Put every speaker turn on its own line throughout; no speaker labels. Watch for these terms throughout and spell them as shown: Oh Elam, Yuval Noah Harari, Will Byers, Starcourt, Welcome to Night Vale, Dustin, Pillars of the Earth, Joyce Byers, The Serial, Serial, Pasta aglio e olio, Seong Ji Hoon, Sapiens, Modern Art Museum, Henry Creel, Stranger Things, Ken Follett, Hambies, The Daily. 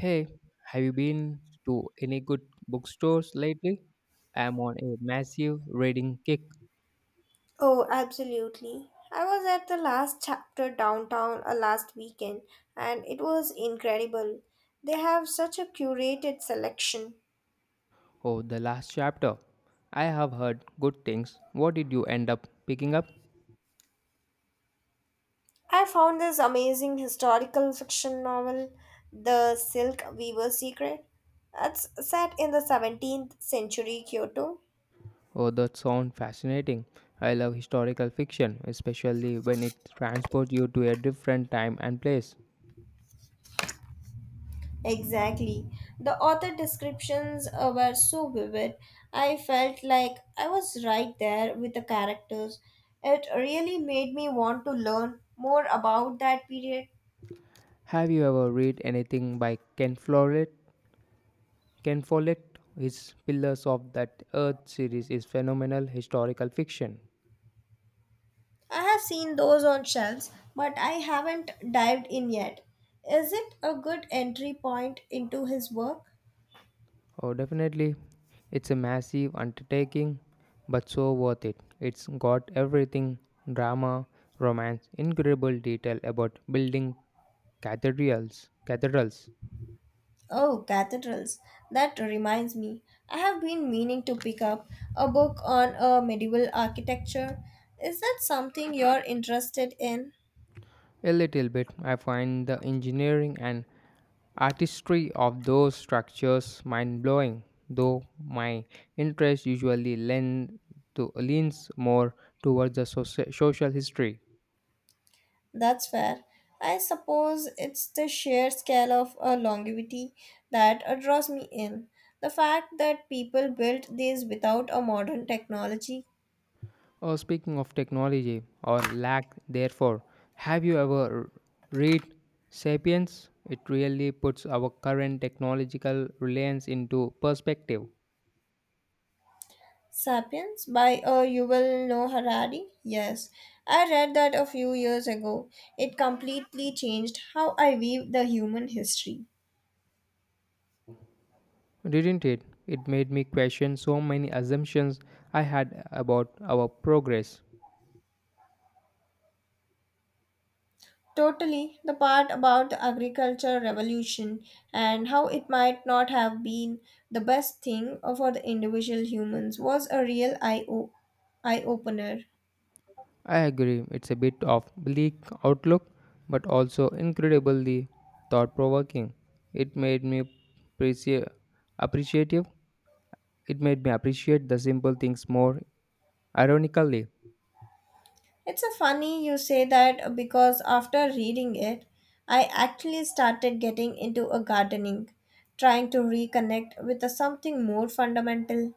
Hey, have you been to any good bookstores lately? I'm on a massive reading kick.
Oh, absolutely. I was at the Last Chapter downtown last weekend and it was incredible. They have such a curated selection.
Oh, the last chapter. I have heard good things. What did you end up picking up?
I found this amazing historical fiction novel, The Silk Weaver's Secret. It's set in the 17th century Kyoto.
Oh, that sounds fascinating. I love historical fiction, especially when it transports you to a different time and place.
Exactly. The author descriptions were so vivid. I felt like I was right there with the characters. It really made me want to learn more about that period.
Have you ever read anything by Ken Follett? Ken Follett, his Pillars of that Earth series is phenomenal historical fiction.
I have seen those on shelves, but I haven't dived in yet. Is it a good entry point into his work?
Oh, definitely. It's a massive undertaking, but so worth it. It's got everything drama, romance, incredible detail about building cathedrals. Cathedrals.
Oh, cathedrals. That reminds me. I have been meaning to pick up a book on medieval architecture. Is that something you're interested in?
A little bit, I find the engineering and artistry of those structures mind blowing, though my interest usually lend leans more towards the social history.
That's fair. I suppose it's the sheer scale of longevity that draws me in. The fact that people built these without a modern technology.
Speaking of technology or lack, therefore, have you ever read *Sapiens*? It really puts our current technological reliance into perspective,
Sapiens by Yuval Noah Harari? Yes, I read that a few years ago. It completely changed how I view the human history.
didn't it? It made me question so many assumptions I had about our progress.
Totally, the part about the agriculture revolution and how it might not have been the best thing for the individual humans was a real eye opener.
I agree, it's a bit of bleak outlook, but also incredibly thought-provoking. It made me appreciate appreciative. It made me appreciate the simple things more. Ironically,
It's a funny you say that because after reading it, I actually started getting into a gardening, trying to reconnect with a something more fundamental.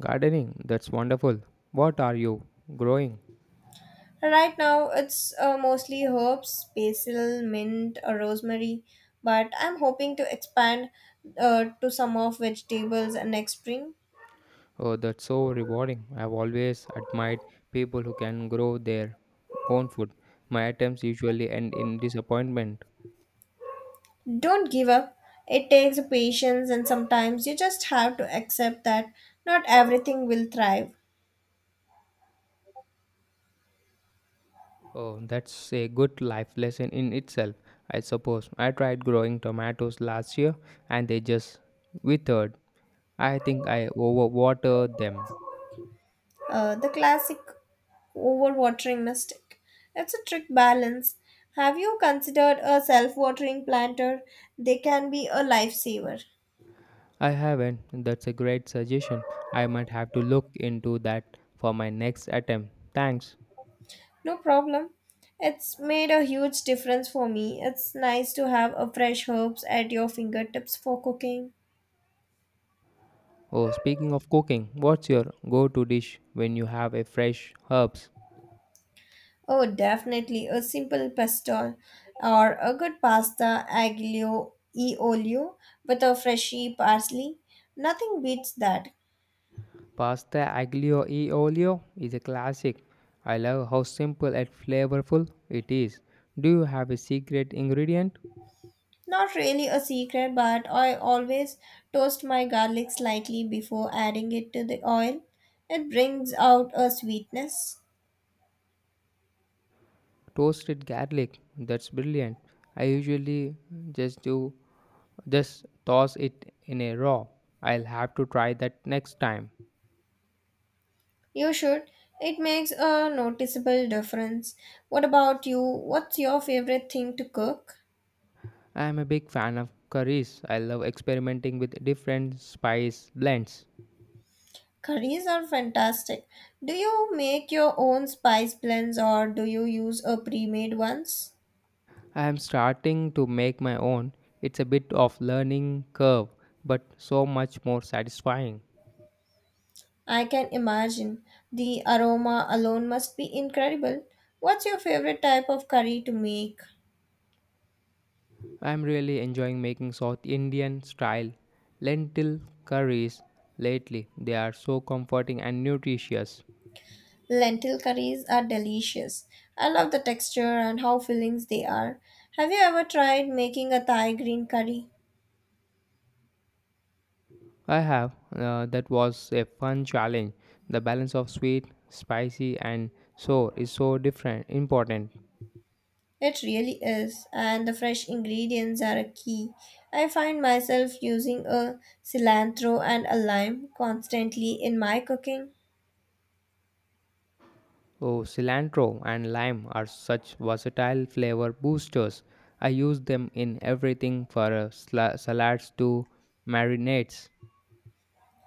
gardening, that's wonderful. What are you growing?
Right now, it's mostly herbs, basil, mint, or rosemary, but I'm hoping to expand to some of vegetables next spring.
Oh, that's so rewarding. I've always admired people who can grow their own food. My attempts usually end in disappointment.
Don't give up. It takes patience, and sometimes you just have to accept that not everything will thrive.
Oh, that's a good life lesson in itself, I suppose. I tried growing tomatoes last year and they just withered. I think I overwatered them.
The classic overwatering mistake. It's a trick balance. Have you considered a self watering planter? They can be a lifesaver.
I haven't. That's a great suggestion. I might have to look into that for my next attempt. Thanks.
No problem. It's made a huge difference for me. It's nice to have a fresh herbs at your fingertips for cooking.
Oh, speaking of cooking, what's your go-to dish when you have a fresh herbs?
Oh, definitely a simple pesto or a good pasta aglio e olio with a freshy parsley. Nothing beats that.
Pasta aglio e olio is a classic. I love how simple and flavorful it is. Do you have a secret ingredient?
Not really a secret, but I always toast my garlic slightly before adding it to the oil. It brings out a sweetness.
Toasted garlic. That's brilliant. I usually just do just toss it in a raw. I'll have to try that next time.
You should. It makes a noticeable difference. What about you? What's your favorite thing to cook?
I am a big fan of curries. I love experimenting with different spice blends.
Curries are fantastic. Do you make your own spice blends or do you use a pre-made ones?
I am starting to make my own. It's a bit of learning curve, but so much more satisfying.
I can imagine. The aroma alone must be incredible. What's your favorite type of curry to make?
I am really enjoying making South Indian style lentil curries lately. They are so comforting and nutritious.
Lentil curries are delicious. I love the texture and how fillings they are. Have you ever tried making a Thai green curry?
I have, that was a fun challenge. The balance of sweet, spicy and sour is so different important.
It really is, and the fresh ingredients are a key. I find myself using a cilantro and a lime constantly in my cooking.
Oh, cilantro and lime are such versatile flavor boosters. I use them in everything from salads to marinades.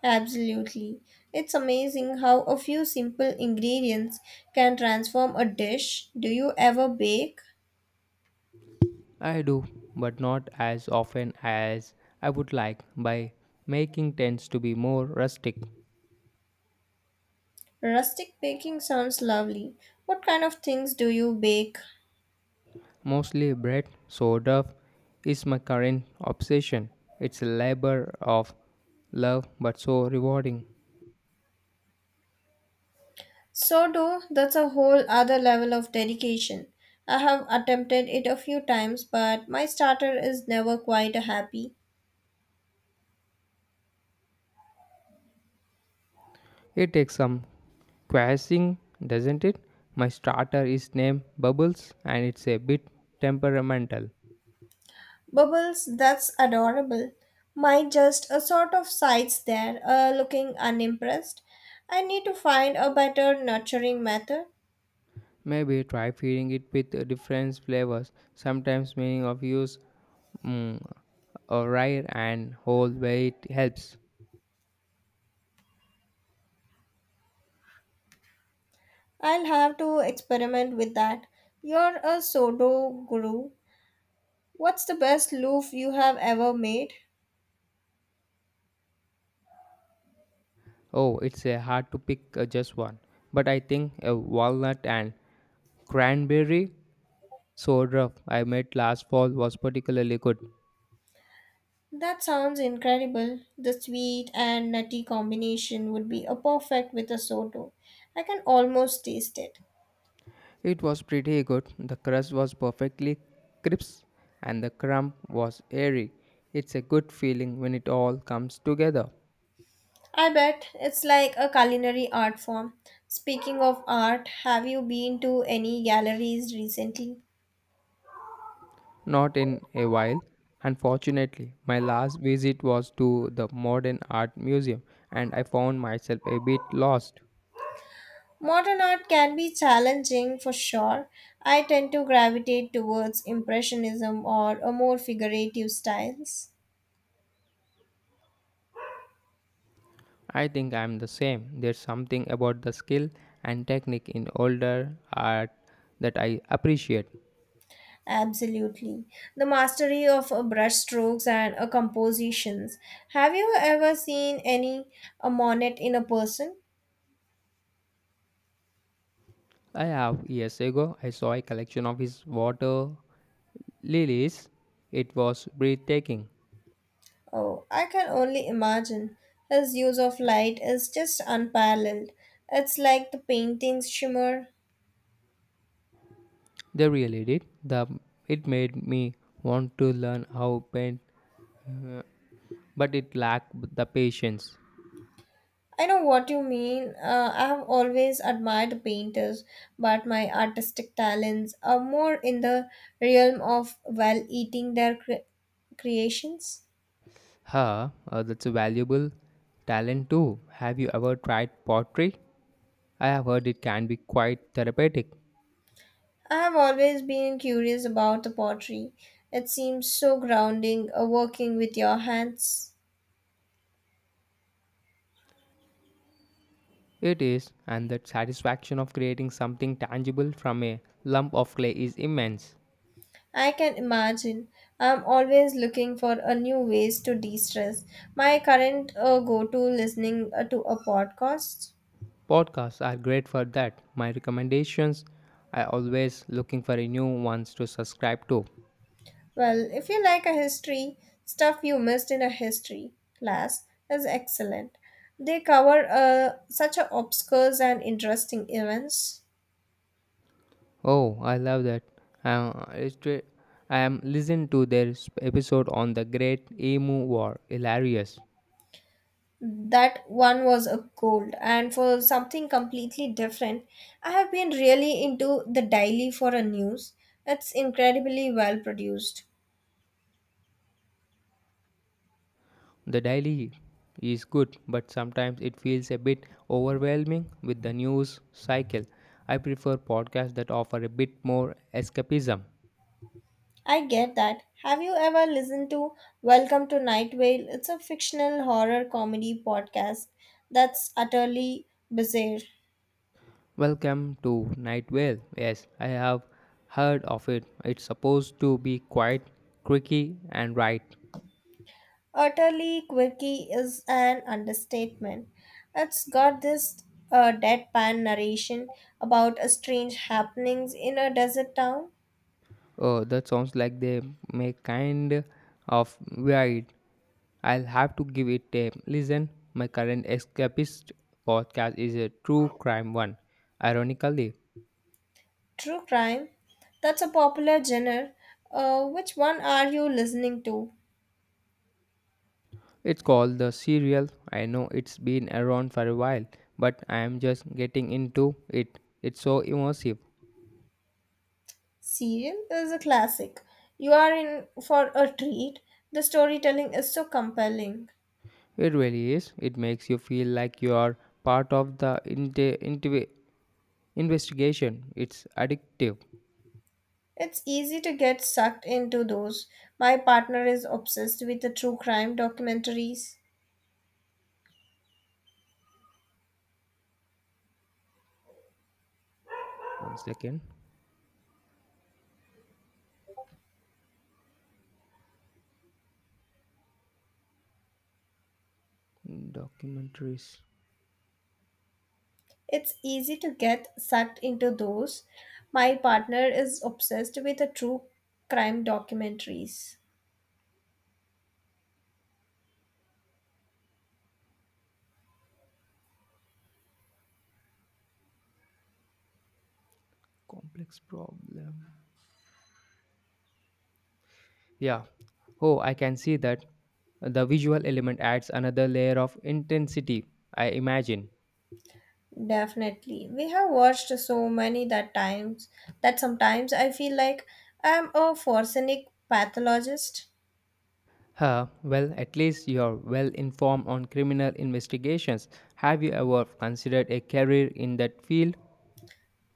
Absolutely. It's amazing how a few simple ingredients can transform a dish. Do you ever bake?
I do, but not as often as I would like. My making tends to be more rustic.
Rustic baking sounds lovely. What kind of things do you bake?
Mostly bread, so dough is my current obsession. It's a labor of love but so rewarding.
So do that's a whole other level of dedication. I have attempted it a few times, but my starter is never quite a happy.
It takes some quashing, doesn't it? My starter is named Bubbles and it's a bit temperamental.
Bubbles, that's adorable. Mine just a sort of sides there, looking unimpressed. I need to find a better nurturing method.
Maybe try feeding it with different flavors, sometimes meaning of use mm, a rye and whole weight helps.
I'll have to experiment with that. You're a sodo guru. What's the best loaf you have ever made?
Oh, it's a hard to pick just one, but I think a walnut and cranberry soda I made last fall was particularly good.
That sounds incredible. The sweet and nutty combination would be a perfect with a soto. I can almost taste it.
It was pretty good. The crust was perfectly crisp and the crumb was airy. It's a good feeling when it all comes together.
I bet it's like a culinary art form. Speaking of art, have you been to any galleries recently?
Not in a while. Unfortunately, my last visit was to the Modern Art Museum and I found myself a bit lost.
Modern art can be challenging for sure. I tend to gravitate towards Impressionism or a more figurative styles.
I think I'm the same. There's something about the skill and technique in older art that I appreciate.
Absolutely. The mastery of brushstrokes and compositions. Have you ever seen any a Monet in a person?
I have. Years ago I saw a collection of his water Lilies, it was breathtaking.
Oh, I can only imagine. His use of light is just unparalleled. It's like the painting's shimmer.
They really did. It made me want to learn how paint, uh, but it lacked the patience.
I know what you mean. I have always admired painters, but my artistic talents are more in the realm of while eating their creations.
That's a valuable talent too. Have you ever tried pottery? I have heard it can be quite therapeutic.
I have always been curious about the pottery. It seems so grounding working with your hands.
It is, and the satisfaction of creating something tangible from a lump of clay is immense.
I can imagine. I'm always looking for a new ways to de-stress. My current go-to listening to a podcast.
Podcasts are great for that. My recommendations are always looking for a new ones to subscribe to.
Well, if you like a history, Stuff You Missed in a History Class is excellent. They cover such a obscure and interesting events.
Oh, I love that. Uh, it's re- I am listened to their episode on the Great Emu War. Hilarious.
That one was a gold, and for something completely different, I have been really into The Daily for a news. It's incredibly well produced.
The daily is good, but sometimes it feels a bit overwhelming with the news cycle. I prefer podcasts that offer a bit more escapism.
I get that. Have you ever listened to Welcome to Night Vale? It's a fictional horror comedy podcast that's utterly bizarre.
Welcome to Night Vale. Yes, I have heard of it. It's supposed to be quite quirky and right.
Utterly quirky is an understatement. It's got this deadpan narration about a strange happenings in a desert town.
Oh, that sounds like they make kind of wide. I'll have to give it a listen. My current escapist podcast is a true crime one. Ironically,
True crime, that's a popular genre. Which one are you listening to?
it's called The Serial. I know it's been around for a while, but I am just getting into it. It's so immersive.
Serial is a classic. You are in for a treat. The storytelling is so compelling.
It really is. It makes you feel like you are part of the investigation. It's addictive.
It's easy to get sucked into those. My partner is obsessed with the true crime documentaries.
One second. Documentaries.
It's easy to get sucked into those. My partner is obsessed with the true crime documentaries.
Complex problem, yeah. Oh, I can see that. The visual element adds another layer of intensity, I imagine.
Definitely. We have watched so many that times that sometimes I feel like I'm a forensic pathologist.
Huh, well, at least you're well informed on criminal investigations. Have you ever considered a career in that field?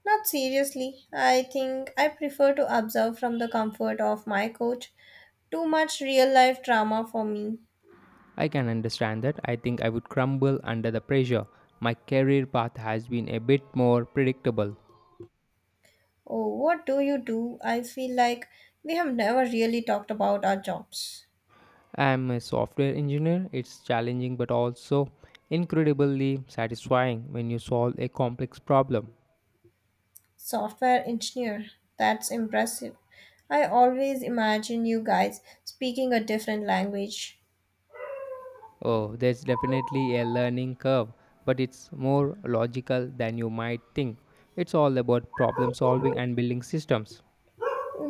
Not seriously. I think I prefer to observe from the comfort of my couch. Too much real life drama for me.
I can understand that. I think I would crumble under the pressure. My career path has been a bit more predictable.
Oh, what do you do? I feel like we have never really talked about our jobs.
I'm a software engineer. It's challenging but also incredibly satisfying when you solve a complex problem.
Software engineer. That's impressive. I always imagine you guys speaking a different language.
Oh, there's definitely a learning curve, but it's more logical than you might think. It's all about problem solving and building systems.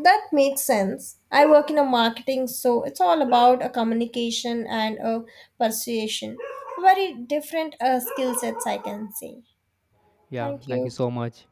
That makes sense. I work in a marketing, so it's all about a communication and a persuasion. Very different skill sets, I can say.
Yeah,
Thank
thank you
you.
so much.